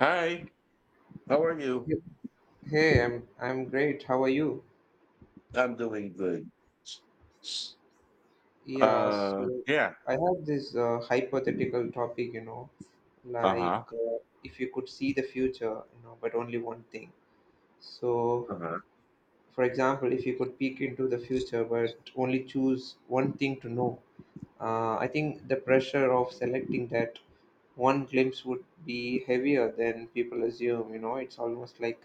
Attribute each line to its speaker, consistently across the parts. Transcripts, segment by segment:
Speaker 1: Hi, how are you?
Speaker 2: Hey, hey, I'm great. How are you?
Speaker 1: I'm doing good.
Speaker 2: Yeah,
Speaker 1: Uh,
Speaker 2: so
Speaker 1: yeah.
Speaker 2: I have this hypothetical topic, like
Speaker 1: Uh-huh.
Speaker 2: if you could see the future, but only one thing. So,
Speaker 1: Uh-huh.
Speaker 2: for example, if you could peek into the future but only choose one thing to know, I think the pressure of selecting that one glimpse would be heavier than people assume, you know, it's almost like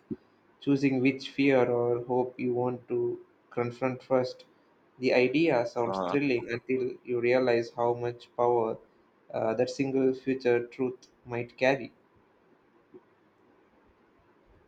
Speaker 2: choosing which fear or hope you want to confront first. The idea sounds
Speaker 1: Uh-huh.
Speaker 2: thrilling until you realize how much power that single future truth might carry.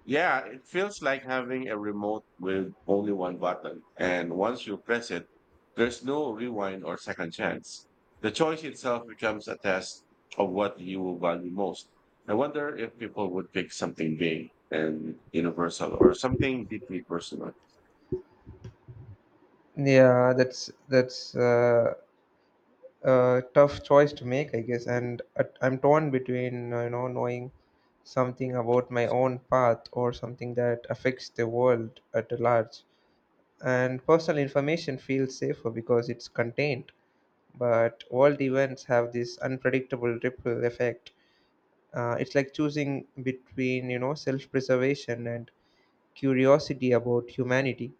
Speaker 1: Yeah, it feels like having a remote with only one button. And once you press it, there's no rewind or second chance. The choice itself becomes a test of what you value most. I wonder if people would pick something big and universal or something deeply personal.
Speaker 2: Yeah, that's a tough choice to make, I guess, and I'm torn between you know knowing something about my own path or something that affects the world at large. And personal information feels safer because it's contained but world events have this unpredictable ripple effect. It's like choosing between you know self-preservation and curiosity about humanity.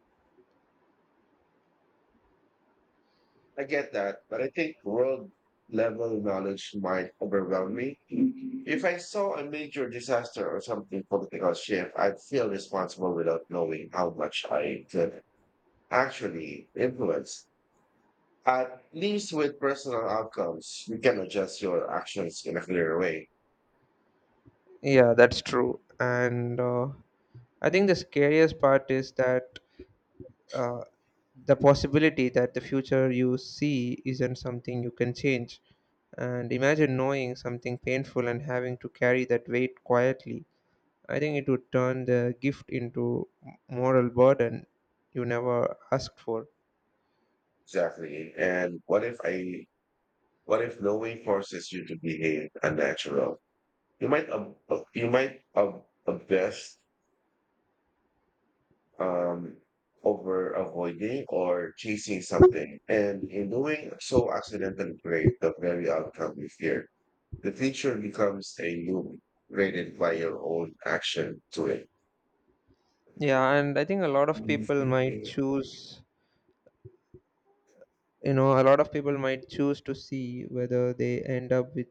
Speaker 1: I get that, but I think world level knowledge might overwhelm me. If I saw a major disaster or something political shift, I'd feel responsible without knowing how much I could actually influence. At least with personal outcomes, you can adjust your actions in a clearer way.
Speaker 2: Yeah, that's true. And I think the scariest part is that, uh, the possibility that the future you see isn't something you can change. And imagine knowing something painful and having to carry that weight quietly. I think it would turn the gift into moral burden you never asked for.
Speaker 1: Exactly. And what if I, What if knowing forces you to behave unnatural? You might abuse, um, over avoiding or chasing something, and in doing so, accidentally create the very outcome you fear. The future becomes a loop created by your own action to it.
Speaker 2: Yeah, and I think a lot of people might choose to see whether they end up with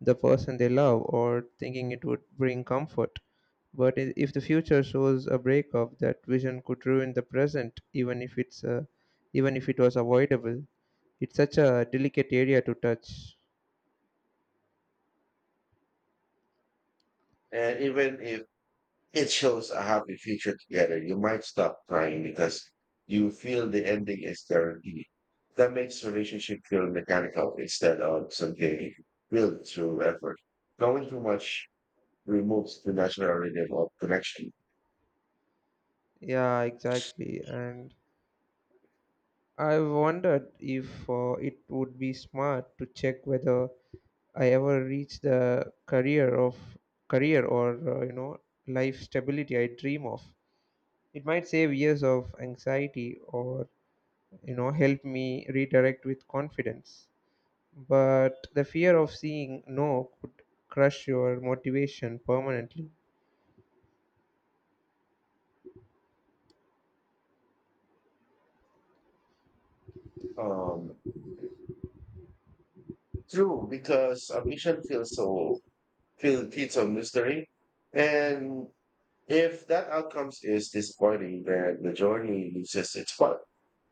Speaker 2: the person they love or thinking it would bring comfort. But if the future shows a breakup, that vision could ruin the present, even if it's even if it was avoidable. It's such a delicate area to touch.
Speaker 1: And even if it shows a happy future together, you might stop trying because you feel the ending is guaranteed. That makes relationship feel mechanical instead of something built through effort. Going too much removes the natural level of connection.
Speaker 2: Yeah, exactly. And I've wondered if it would be smart to check whether I ever reach the career or you know life stability I dream of. It might save years of anxiety or you know help me redirect with confidence. But the fear of seeing no could crush your motivation permanently.
Speaker 1: Um, true, because ambition feels so feel feeds on mystery, and if that outcomes is disappointing, then the journey loses its fun.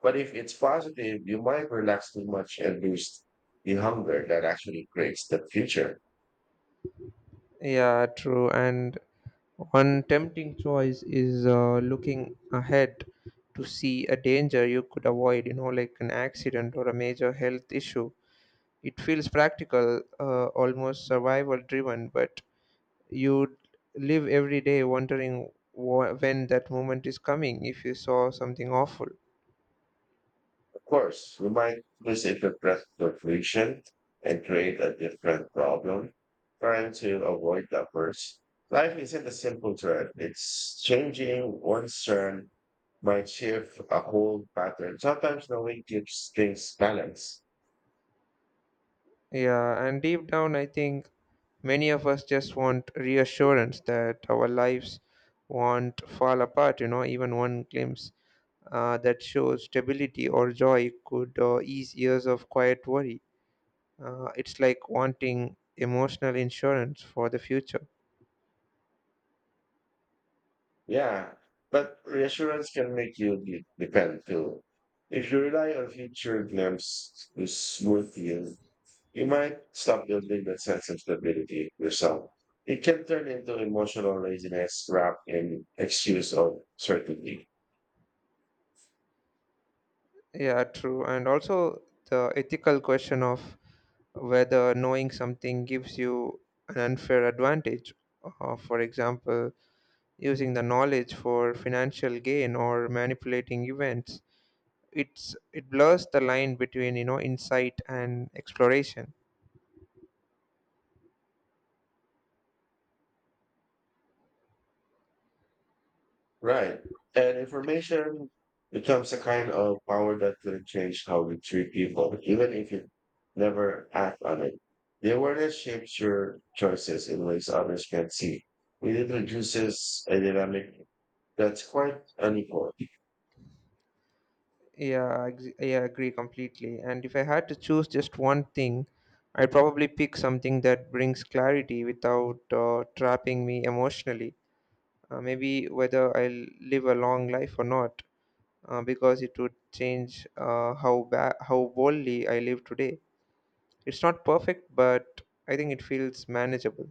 Speaker 1: But if it's positive, you might relax too much and lose the hunger that actually creates the future.
Speaker 2: Yeah, true. And one tempting choice is looking ahead to see a danger you could avoid, you know, like an accident or a major health issue. It feels practical, almost survival driven, but you live every day wondering when that moment is coming if you saw something awful.
Speaker 1: Of course, we might misinterpret the friction and create a different problem, trying to avoid the first. Life isn't a simple thread. It's changing. One turn might shift a whole pattern. Sometimes knowing keeps things balanced.
Speaker 2: Yeah, and deep down, I think many of us just want reassurance that our lives won't fall apart, you know, even one glimpse that shows stability or joy could ease years of quiet worry. It's like wanting emotional insurance for the future.
Speaker 1: Yeah. But reassurance can make you depend too. If you rely on future glimpse to smooth you, you might stop building that sense of stability yourself. It can turn into emotional laziness wrapped in excuse of certainty.
Speaker 2: Yeah, true. And also the ethical question of whether knowing something gives you an unfair advantage. For example, using the knowledge for financial gain or manipulating events. It's it blurs the line between you know insight and exploration.
Speaker 1: Right. And information becomes a kind of power that can change how we treat people, even if you never act on it. The awareness shapes your choices in ways others can't see. It introduces a dynamic that's quite unequal.
Speaker 2: Yeah, I agree completely. And if I had to choose just one thing, I'd probably pick something that brings clarity without trapping me emotionally. Maybe whether I'll live a long life or not, because it would change how boldly I live today. It's not perfect, but I think it feels manageable.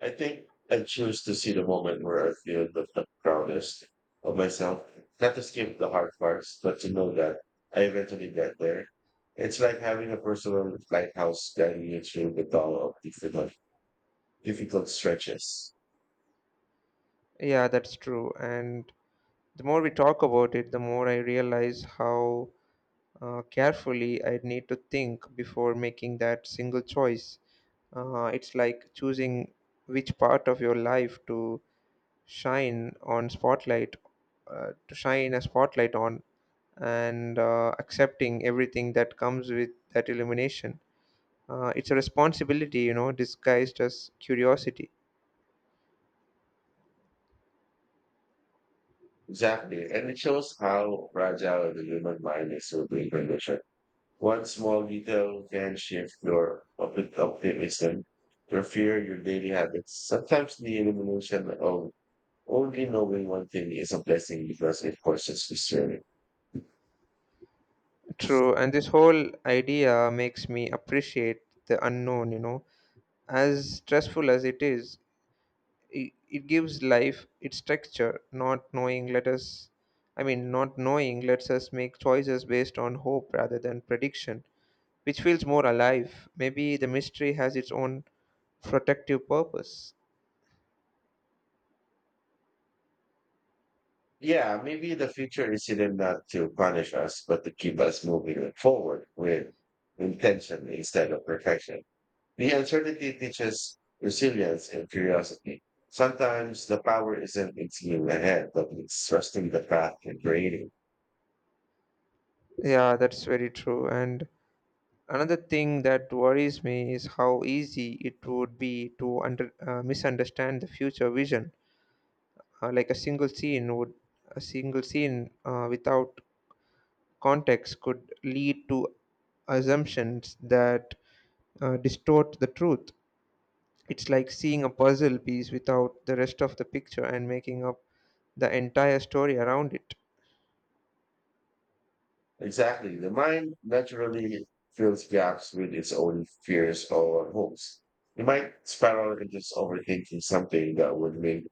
Speaker 1: I think I choose to see the moment where I feel the proudest of myself. Not to skip the hard parts, but to know that I eventually get there. It's like having a personal lighthouse guiding you through the dull of difficult stretches.
Speaker 2: Yeah, that's true. And the more we talk about it, the more I realize how carefully I need to think before making that single choice. It's like choosing which part of your life to shine on spotlight, to shine a spotlight on, and accepting everything that comes with that illumination. It's a responsibility, you know, disguised as curiosity.
Speaker 1: Exactly. And it shows how fragile the human mind is to being conditioned. One small detail can shift your optimism, your fear, your daily habits. Sometimes the elimination of only knowing one thing is a blessing because it forces to serve.
Speaker 2: True, and this whole idea makes me appreciate the unknown, you know. As stressful as it is, it gives life its texture. Not knowing let us, I mean, Not knowing lets us make choices based on hope rather than prediction, which feels more alive. Maybe the mystery has its own protective purpose.
Speaker 1: Yeah, maybe the future is hidden not to punish us, but to keep us moving forward with intention instead of perfection. The uncertainty teaches resilience and curiosity. Sometimes the power isn't in seeing ahead, but it's trusting the path and creating.
Speaker 2: Yeah, that's very true. And another thing that worries me is how easy it would be to misunderstand the future vision. Uh, like a single scene would, a single scene without context could lead to assumptions that distort the truth. It's like seeing a puzzle piece without the rest of the picture and making up the entire story around it.
Speaker 1: Exactly. The mind naturally fills gaps with its own fears or hopes. You might spiral into overthinking something that would make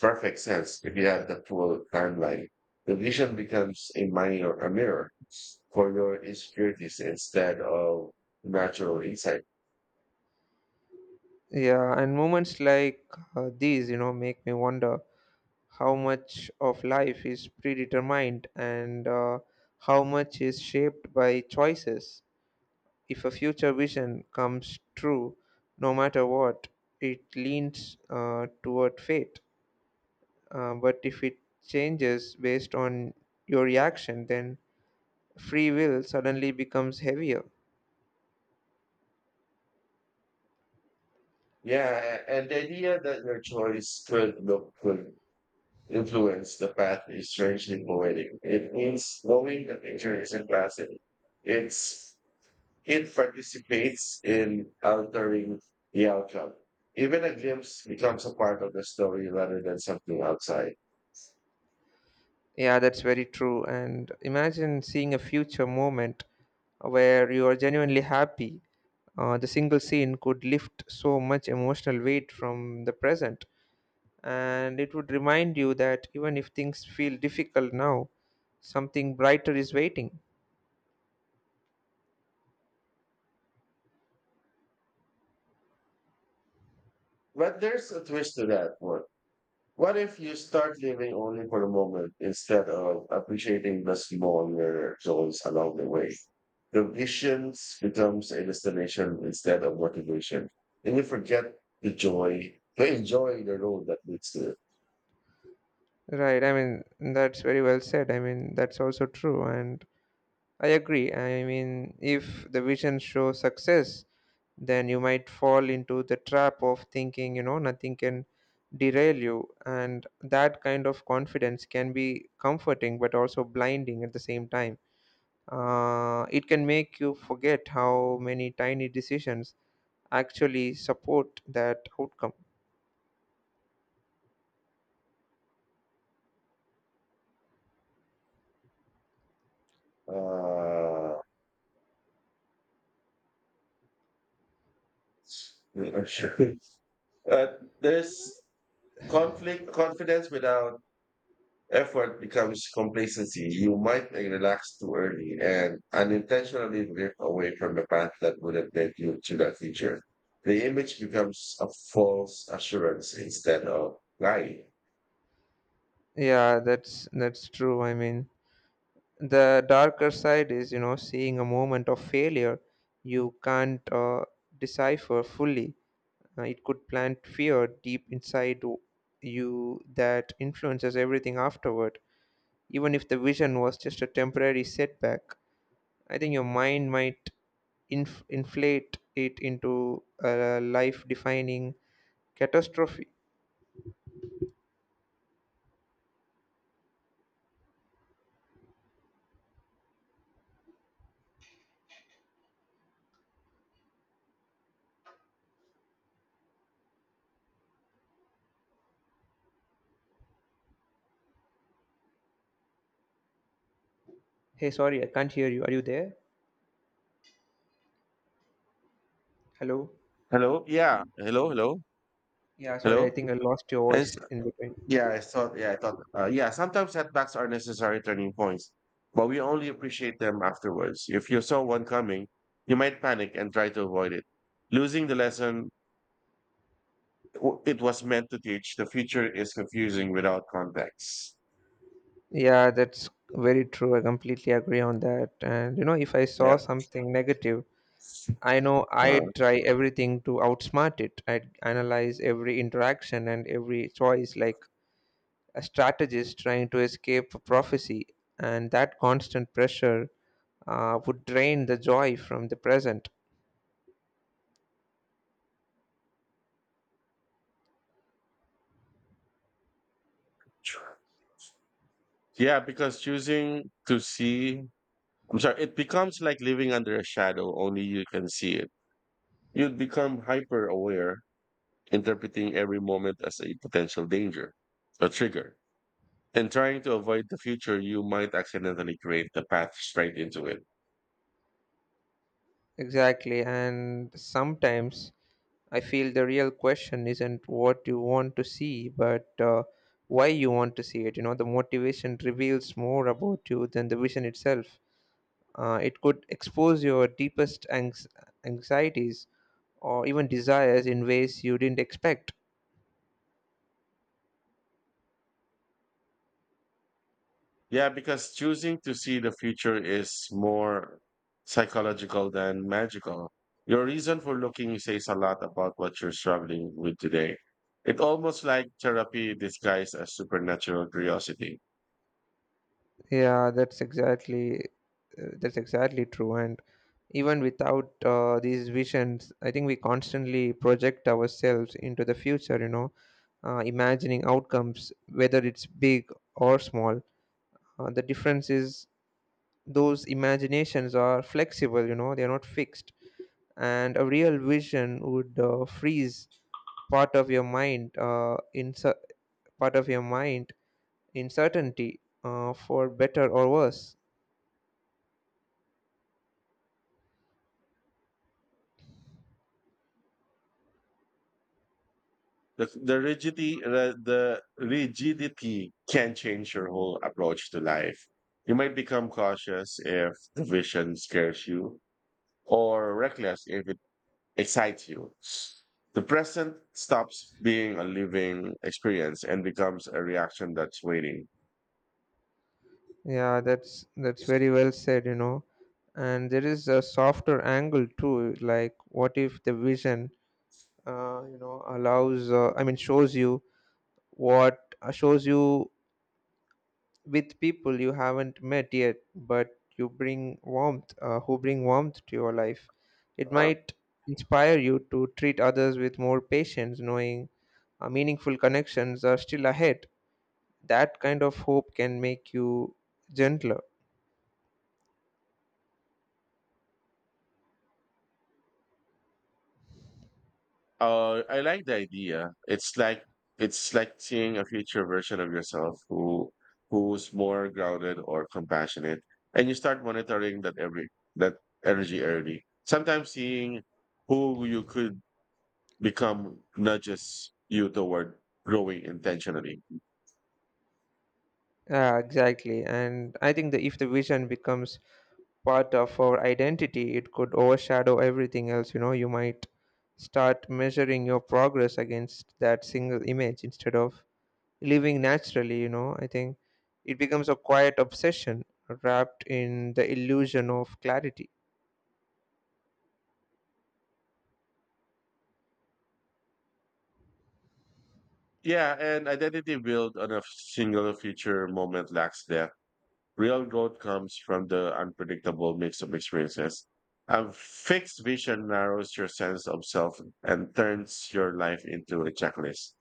Speaker 1: perfect sense if you have the full timeline. The vision becomes a mirror for your insecurities instead of natural insight.
Speaker 2: Yeah, and moments like these, you know, make me wonder how much of life is predetermined and how much is shaped by choices. If a future vision comes true, no matter what, it leans toward fate. But if it changes based on your reaction, then free will suddenly becomes heavier.
Speaker 1: Yeah, and the idea that your choice could influence the path is strangely poetic. It means knowing the picture isn't passive. It's it participates in altering the outcome. Even a glimpse becomes a part of the story rather than something outside.
Speaker 2: Yeah, that's very true. And imagine seeing a future moment where you are genuinely happy. The single scene could lift so much emotional weight from the present, and it would remind you that even if things feel difficult now, something brighter is waiting.
Speaker 1: But there's a twist to that one. What if you start living only for the moment instead of appreciating the smaller joys along the way? The visions becomes a destination instead of motivation. And you forget the joy, to enjoy the road that leads to it.
Speaker 2: Right, I mean, that's very well said. I mean, that's also true. And I agree. I mean, if the vision shows success, then you might fall into the trap of thinking, you know, nothing can derail you. And that kind of confidence can be comforting but also blinding at the same time. It can make you forget how many tiny decisions actually support that outcome.
Speaker 1: Uh, uh, there's conflict, confidence without effort becomes complacency. You might relax too early and unintentionally drift away from the path that would have led you to that future. The image becomes a false assurance instead of lying.
Speaker 2: Yeah, that's true. I mean, the darker side is you know seeing a moment of failure you can't decipher fully. It could plant fear deep inside you that influences everything afterward, even if the vision was just a temporary setback. I think your mind might inflate it into a life defining catastrophe. Hey, sorry, I can't hear you. Are you there? Hello?
Speaker 1: Hello? Yeah. Hello? Hello?
Speaker 2: Yeah, sorry, I
Speaker 1: Hello?
Speaker 2: think I lost your
Speaker 1: And s-
Speaker 2: voice in between.
Speaker 1: yeah, I thought, yeah, I thought, yeah, Sometimes setbacks are necessary turning points, but we only appreciate them afterwards. If you saw one coming, you might panic and try to avoid it. Losing the lesson it was meant to teach, the future is confusing without context.
Speaker 2: Yeah, that's very true. I completely agree on that. And you know, if I saw
Speaker 1: Yep.
Speaker 2: something negative, I know
Speaker 1: Uh,
Speaker 2: I'd try everything to outsmart it. I'd analyze every interaction and every choice like a strategist trying to escape a prophecy. And that constant pressure would drain the joy from the present.
Speaker 1: yeah, because choosing to see, I'm sorry, it becomes like living under a shadow, only you can see it. You'd become hyper aware, interpreting every moment as a potential danger, a trigger, and trying to avoid the future, you might accidentally create the path straight into it.
Speaker 2: Exactly. And sometimes I feel the real question isn't what you want to see, but why you want to see it. You know, the motivation reveals more about you than the vision itself. It could expose your deepest anxieties or even desires in ways you didn't expect.
Speaker 1: Yeah, because choosing to see the future is more psychological than magical. Your reason for looking says a lot about what you're struggling with today. It's almost like therapy disguised as supernatural curiosity.
Speaker 2: Yeah, that's exactly true. And even without these visions, I think we constantly project ourselves into the future. You know, imagining outcomes, whether it's big or small. The difference is those imaginations are flexible, you know, they are not fixed. And a real vision would freeze part of your mind uh, in cer- part of your mind in certainty, for better or worse.
Speaker 1: The rigidity can change your whole approach to life. You might become cautious if the vision scares you, or reckless if it excites you. The present stops being a living experience and becomes a reaction that's waiting.
Speaker 2: Yeah, that's very well said, you know. And there is a softer angle too. Like, what if the vision, you know, allows? I mean, shows you what shows you with people you haven't met yet, but you bring warmth, who bring warmth to your life. It might inspire you to treat others with more patience, knowing meaningful connections are still ahead. That kind of hope can make you gentler.
Speaker 1: I like the idea. It's like seeing a future version of yourself who's more grounded or compassionate, and you start monitoring that energy early. Sometimes seeing who you could become nudges you toward growing intentionally.
Speaker 2: Yeah, exactly. And I think that if the vision becomes part of our identity, it could overshadow everything else. You know, you might start measuring your progress against that single image instead of living naturally, you know. I think it becomes a quiet obsession wrapped in the illusion of clarity,
Speaker 1: Yeah, and identity built on a single future moment lacks depth. Real growth comes from the unpredictable mix of experiences. A fixed vision narrows your sense of self and turns your life into a checklist.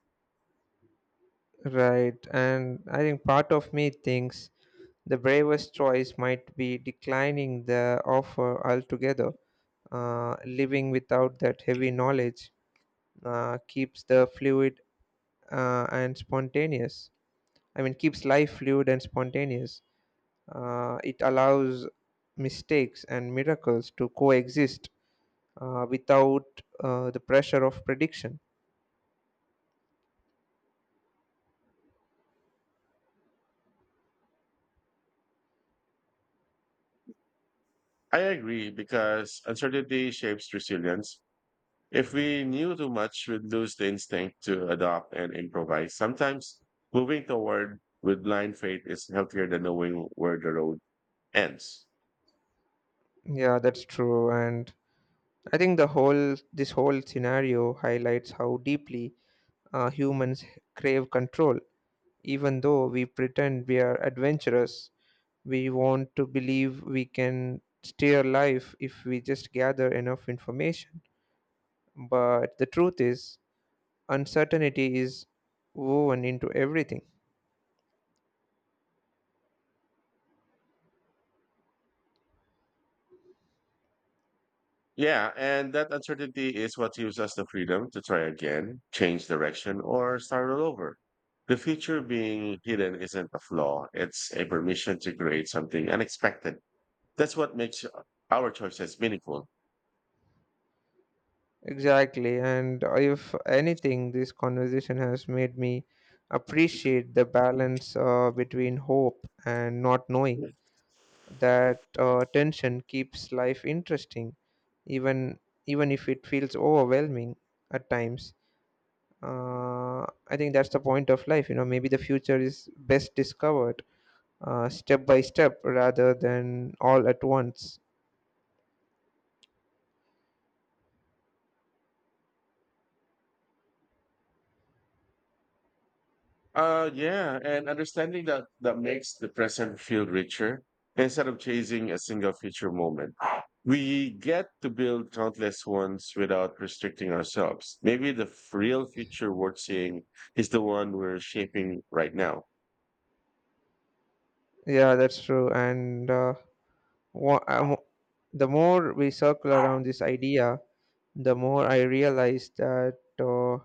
Speaker 2: right? And I think part of me thinks the bravest choice might be declining the offer altogether. Living without that heavy knowledge keeps the fluid and spontaneous. I mean, keeps life fluid and spontaneous. It allows mistakes and miracles to coexist without the pressure of prediction.
Speaker 1: I agree because uncertainty shapes resilience. If we knew too much, we'd lose the instinct to adopt and improvise. Sometimes moving toward with blind faith is healthier than knowing where the road ends.
Speaker 2: Yeah, that's true. And I think the whole this whole scenario highlights how deeply humans crave control. Even though we pretend we are adventurous, we want to believe we can steer life if we just gather enough information. But the truth is, uncertainty is woven into everything.
Speaker 1: Yeah, and that uncertainty is what gives us the freedom to try again, change direction, or start all over. The future being hidden isn't a flaw, it's a permission to create something unexpected. That's what makes our choices meaningful.
Speaker 2: Exactly. And if anything, this conversation has made me appreciate the balance between hope and not knowing. That tension keeps life interesting, even even if it feels overwhelming at times. I think that's the point of life. You know, maybe the future is best discovered step by step rather than all at once.
Speaker 1: Yeah, and understanding that makes the present feel richer instead of chasing a single feature moment. We get to build countless ones without restricting ourselves. Maybe the real future worth seeing is the one we're shaping right now.
Speaker 2: Yeah, that's true. And Wha- I mo- the more we circle around this idea, the more I realize that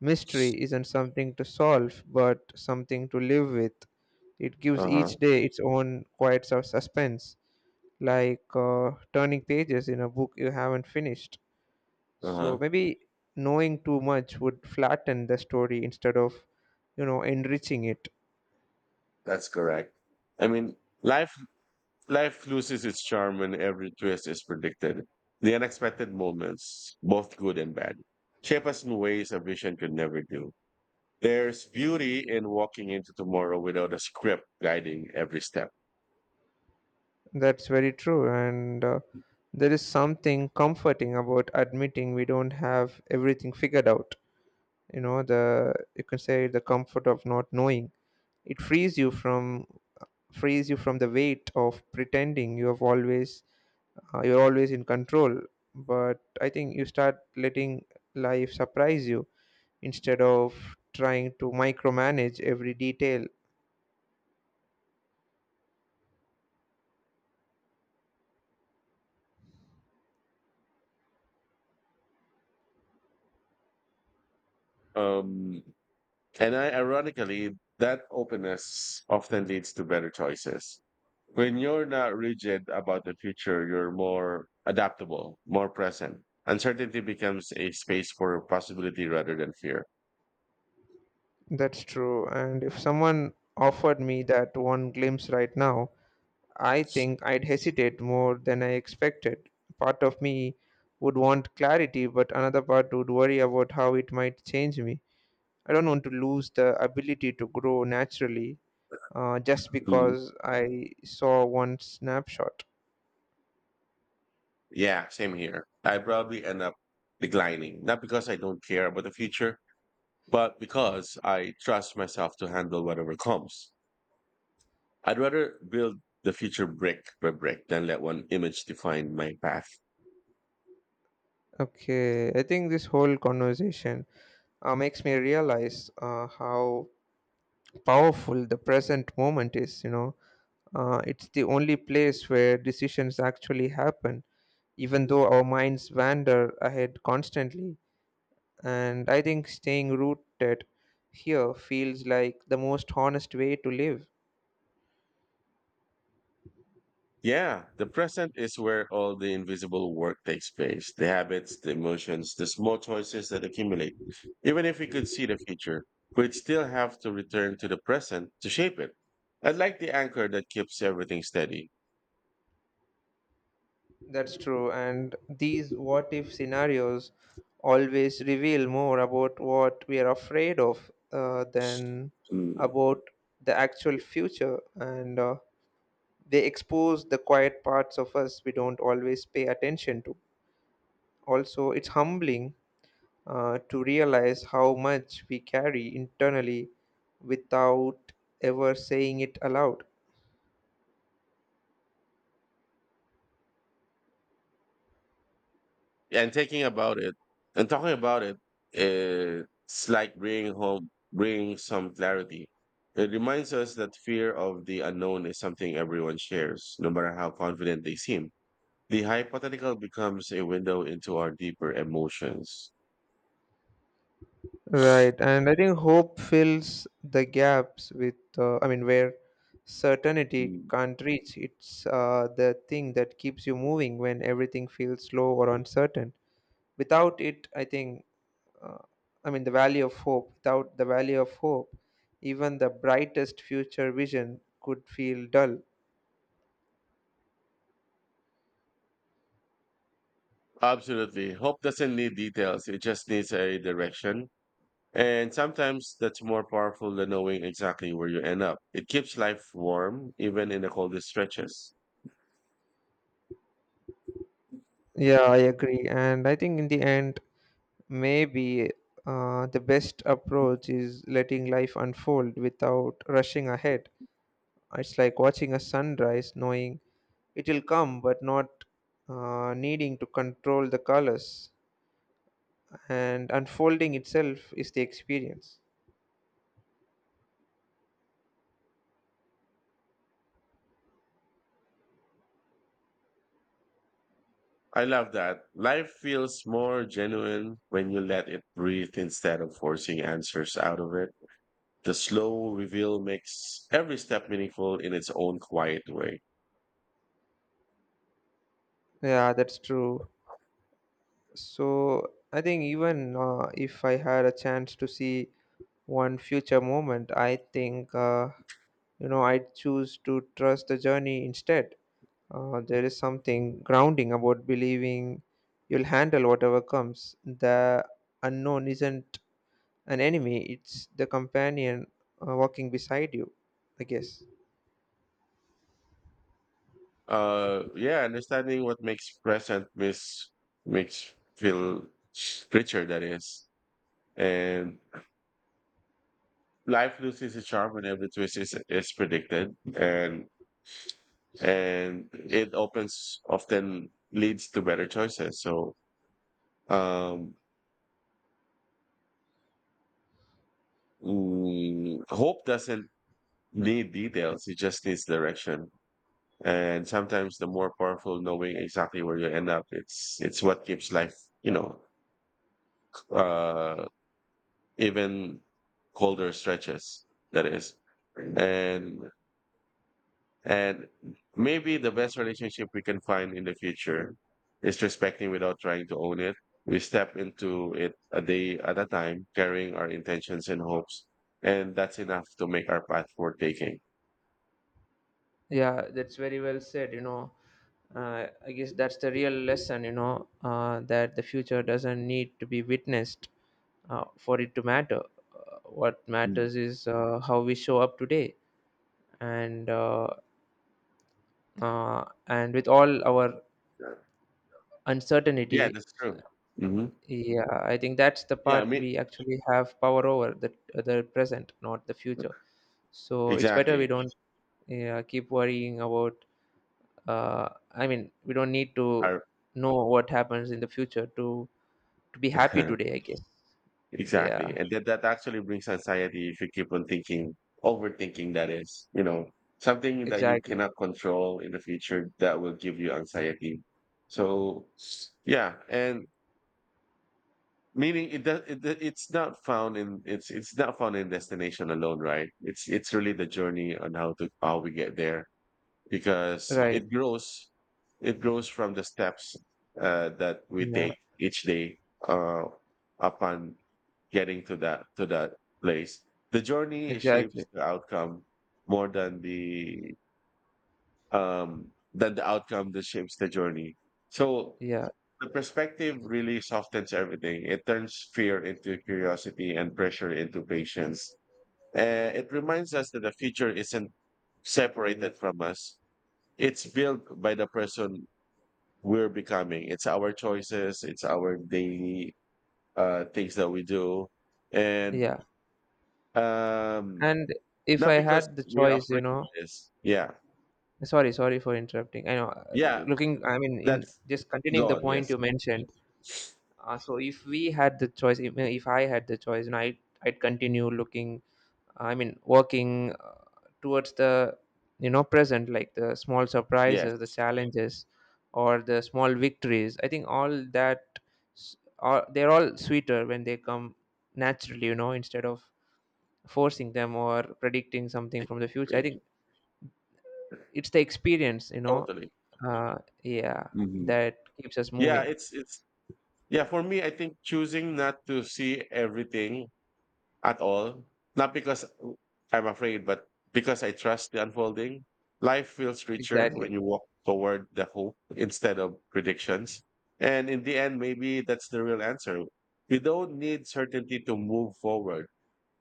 Speaker 2: mystery isn't something to solve, but something to live with. It gives
Speaker 1: Uh-huh.
Speaker 2: each day its own quiet sort suspense, like turning pages in a book you haven't finished. So
Speaker 1: Uh-huh.
Speaker 2: maybe knowing too much would flatten the story instead of, you know, enriching it.
Speaker 1: That's correct. I mean, life life loses its charm when every twist is predicted. The unexpected moments, both good and bad, shape us in ways a vision could never do. There's beauty in walking into tomorrow without a script guiding every step.
Speaker 2: That's very true. And there is something comforting about admitting we don't have everything figured out. You know, the you can say the comfort of not knowing. It frees you from the weight of pretending you have always you're always in control. But I think you start letting life surprise you instead of trying to micromanage every detail.
Speaker 1: Um, and I, ironically, that openness often leads to better choices. When you're not rigid about the future, you're more adaptable, more present. Uncertainty becomes a space for possibility rather than fear.
Speaker 2: That's true. And if someone offered me that one glimpse right now, I think I'd hesitate more than I expected. Part of me would want clarity, but another part would worry about how it might change me. I don't want to lose the ability to grow naturally just
Speaker 1: Mhm.
Speaker 2: because I saw one snapshot.
Speaker 1: Yeah, same here. I probably end up declining, not because I don't care about the future, but because I trust myself to handle whatever comes. I'd rather build the future brick by brick than let one image define my path.
Speaker 2: Okay, I think this whole conversation makes me realize how powerful the present moment is, you know. It's the only place where decisions actually happen even though our minds wander ahead constantly. And I think staying rooted here feels like the most honest way to live.
Speaker 1: Yeah, the present is where all the invisible work takes place, the habits, the emotions, the small choices that accumulate. Even if we could see the future, we'd still have to return to the present to shape it. I'd like the anchor that keeps everything steady.
Speaker 2: That's true. And these what if scenarios always reveal more about what we are afraid of than about the actual future. And they expose the quiet parts of us we don't always pay attention to. Also, it's humbling to realize how much we carry internally without ever saying it aloud.
Speaker 1: Yeah, and thinking about it and talking about it, it's like bringing some clarity. It reminds us that fear of the unknown is something everyone shares, no matter how confident they seem. The hypothetical becomes a window into our deeper emotions.
Speaker 2: Right, and I think hope fills the gaps with, I mean, where certainty
Speaker 1: Mm.
Speaker 2: can't reach. It's the thing that keeps you moving when everything feels slow or uncertain. Without it, I think, uh, I mean, the value of hope, without the value of hope, even the brightest future vision could feel dull.
Speaker 1: Absolutely, hope doesn't need details, it just needs a direction. And sometimes that's more powerful than knowing exactly where you end up. It keeps life warm even in the coldest stretches.
Speaker 2: Yeah, I agree. And I think in the end, maybe the best approach is letting life unfold without rushing ahead. It's like watching a sunrise, knowing it will come, but not needing to control the colors. And unfolding itself is the experience.
Speaker 1: I love that. Life feels more genuine when you let it breathe instead of forcing answers out of it. The slow reveal makes every step meaningful in its own quiet way.
Speaker 2: Yeah, that's true. So I think even if I had a chance to see one future moment, I think you know I'd choose to trust the journey instead. There is something grounding about believing you'll handle whatever comes. The unknown isn't an enemy; it's the companion walking beside you, I guess.
Speaker 1: Yeah, understanding what makes present miss makes feel richer, that is. And life loses its charm when every is predicted. And it opens often leads to better choices, so. um Hope doesn't need details, it just needs direction. And sometimes the more powerful knowing exactly where you end up, it's what keeps life, you know, uh even colder stretches. That is, and and maybe the best relationship we can find in the future is respecting without trying to own it. We step into it a day at a time, carrying our intentions and hopes, and that's enough to make our path worth taking.
Speaker 2: Yeah, that's very well said. You know, I guess that's the real lesson. You know, that the future doesn't need to be witnessed for it to matter. What
Speaker 1: Mm.
Speaker 2: matters is how we show up today, and uh, and with all our
Speaker 1: Yeah,
Speaker 2: uncertainty.
Speaker 1: that's true. Hmm.
Speaker 2: Yeah, I think that's the
Speaker 1: Yeah, I
Speaker 2: part
Speaker 1: mean,
Speaker 2: we actually have power over, the present, not the future. So it's better we
Speaker 1: exactly.
Speaker 2: don't, yeah, keep worrying about. I mean, we don't need to
Speaker 1: Our
Speaker 2: know what happens in the future to be happy today, I guess.
Speaker 1: exactly.
Speaker 2: Yeah.
Speaker 1: And that actually brings anxiety if you keep on thinking, overthinking that is, you know, something that you
Speaker 2: Exactly.
Speaker 1: cannot control in the future that will give you anxiety. So yeah, and meaning it's not found in destination alone, right? It's really the journey on how we get there, because
Speaker 2: Right.
Speaker 1: it grows from the steps that we
Speaker 2: Yeah.
Speaker 1: take each day, uh, upon getting to that place. The journey
Speaker 2: Exactly.
Speaker 1: shapes the outcome more than the, um than the outcome that shapes the journey. So
Speaker 2: Yeah.
Speaker 1: the perspective really softens everything. It turns fear into curiosity and pressure into patience. It reminds us that the future isn't separated from us, it's built by the person we're becoming. It's our choices, it's our daily, things that we do. And
Speaker 2: Yeah.
Speaker 1: um,
Speaker 2: And if
Speaker 1: not
Speaker 2: I
Speaker 1: because
Speaker 2: had the
Speaker 1: we're
Speaker 2: choice,
Speaker 1: afraid
Speaker 2: you know,
Speaker 1: of this. Yeah.
Speaker 2: sorry for interrupting. I know,
Speaker 1: Yeah.
Speaker 2: looking, I mean, in
Speaker 1: That's
Speaker 2: just continuing the
Speaker 1: gone.
Speaker 2: point
Speaker 1: Yes.
Speaker 2: you mentioned. So if we had the choice, if I had the choice, and I'd continue looking, I mean, working towards the, you know, present, like the small surprises, the
Speaker 1: Yes.
Speaker 2: challenges, or the small victories. I think all that, s- are they're all sweeter when they come naturally, you know, instead of forcing them or predicting something from the future. I
Speaker 1: Exactly.
Speaker 2: think it's the experience, you know.
Speaker 1: Totally.
Speaker 2: uh yeah
Speaker 1: Hmm.
Speaker 2: that keeps us
Speaker 1: Yeah.
Speaker 2: moving.
Speaker 1: Yeah. For me, I think choosing not to see everything at all. Not because I'm afraid, but because I trust the unfolding. Life feels richer when
Speaker 2: Exactly.
Speaker 1: you walk toward the hope instead of predictions. And in the end, maybe that's the real answer. We don't need certainty to move forward,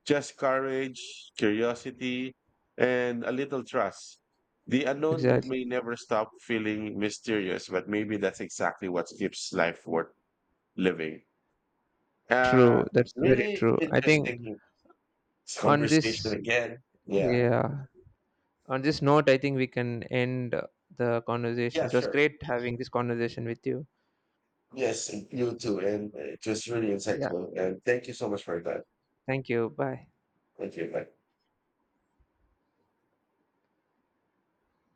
Speaker 1: just courage, curiosity, and a little trust. The unknown
Speaker 2: Exactly.
Speaker 1: may never stop feeling mysterious, but maybe that's exactly what keeps life worth living. Uh,
Speaker 2: True, that's very
Speaker 1: Really
Speaker 2: true. I think
Speaker 1: interesting this
Speaker 2: on this,
Speaker 1: conversation again. Yeah.
Speaker 2: yeah, on this note I think we can end the conversation.
Speaker 1: Yeah,
Speaker 2: It was
Speaker 1: sure.
Speaker 2: great having this conversation with you.
Speaker 1: Yes, and you too. And it really
Speaker 2: Yeah,
Speaker 1: insightful. And thank you so much for that.
Speaker 2: thank you. Bye.
Speaker 1: Thank you. Bye.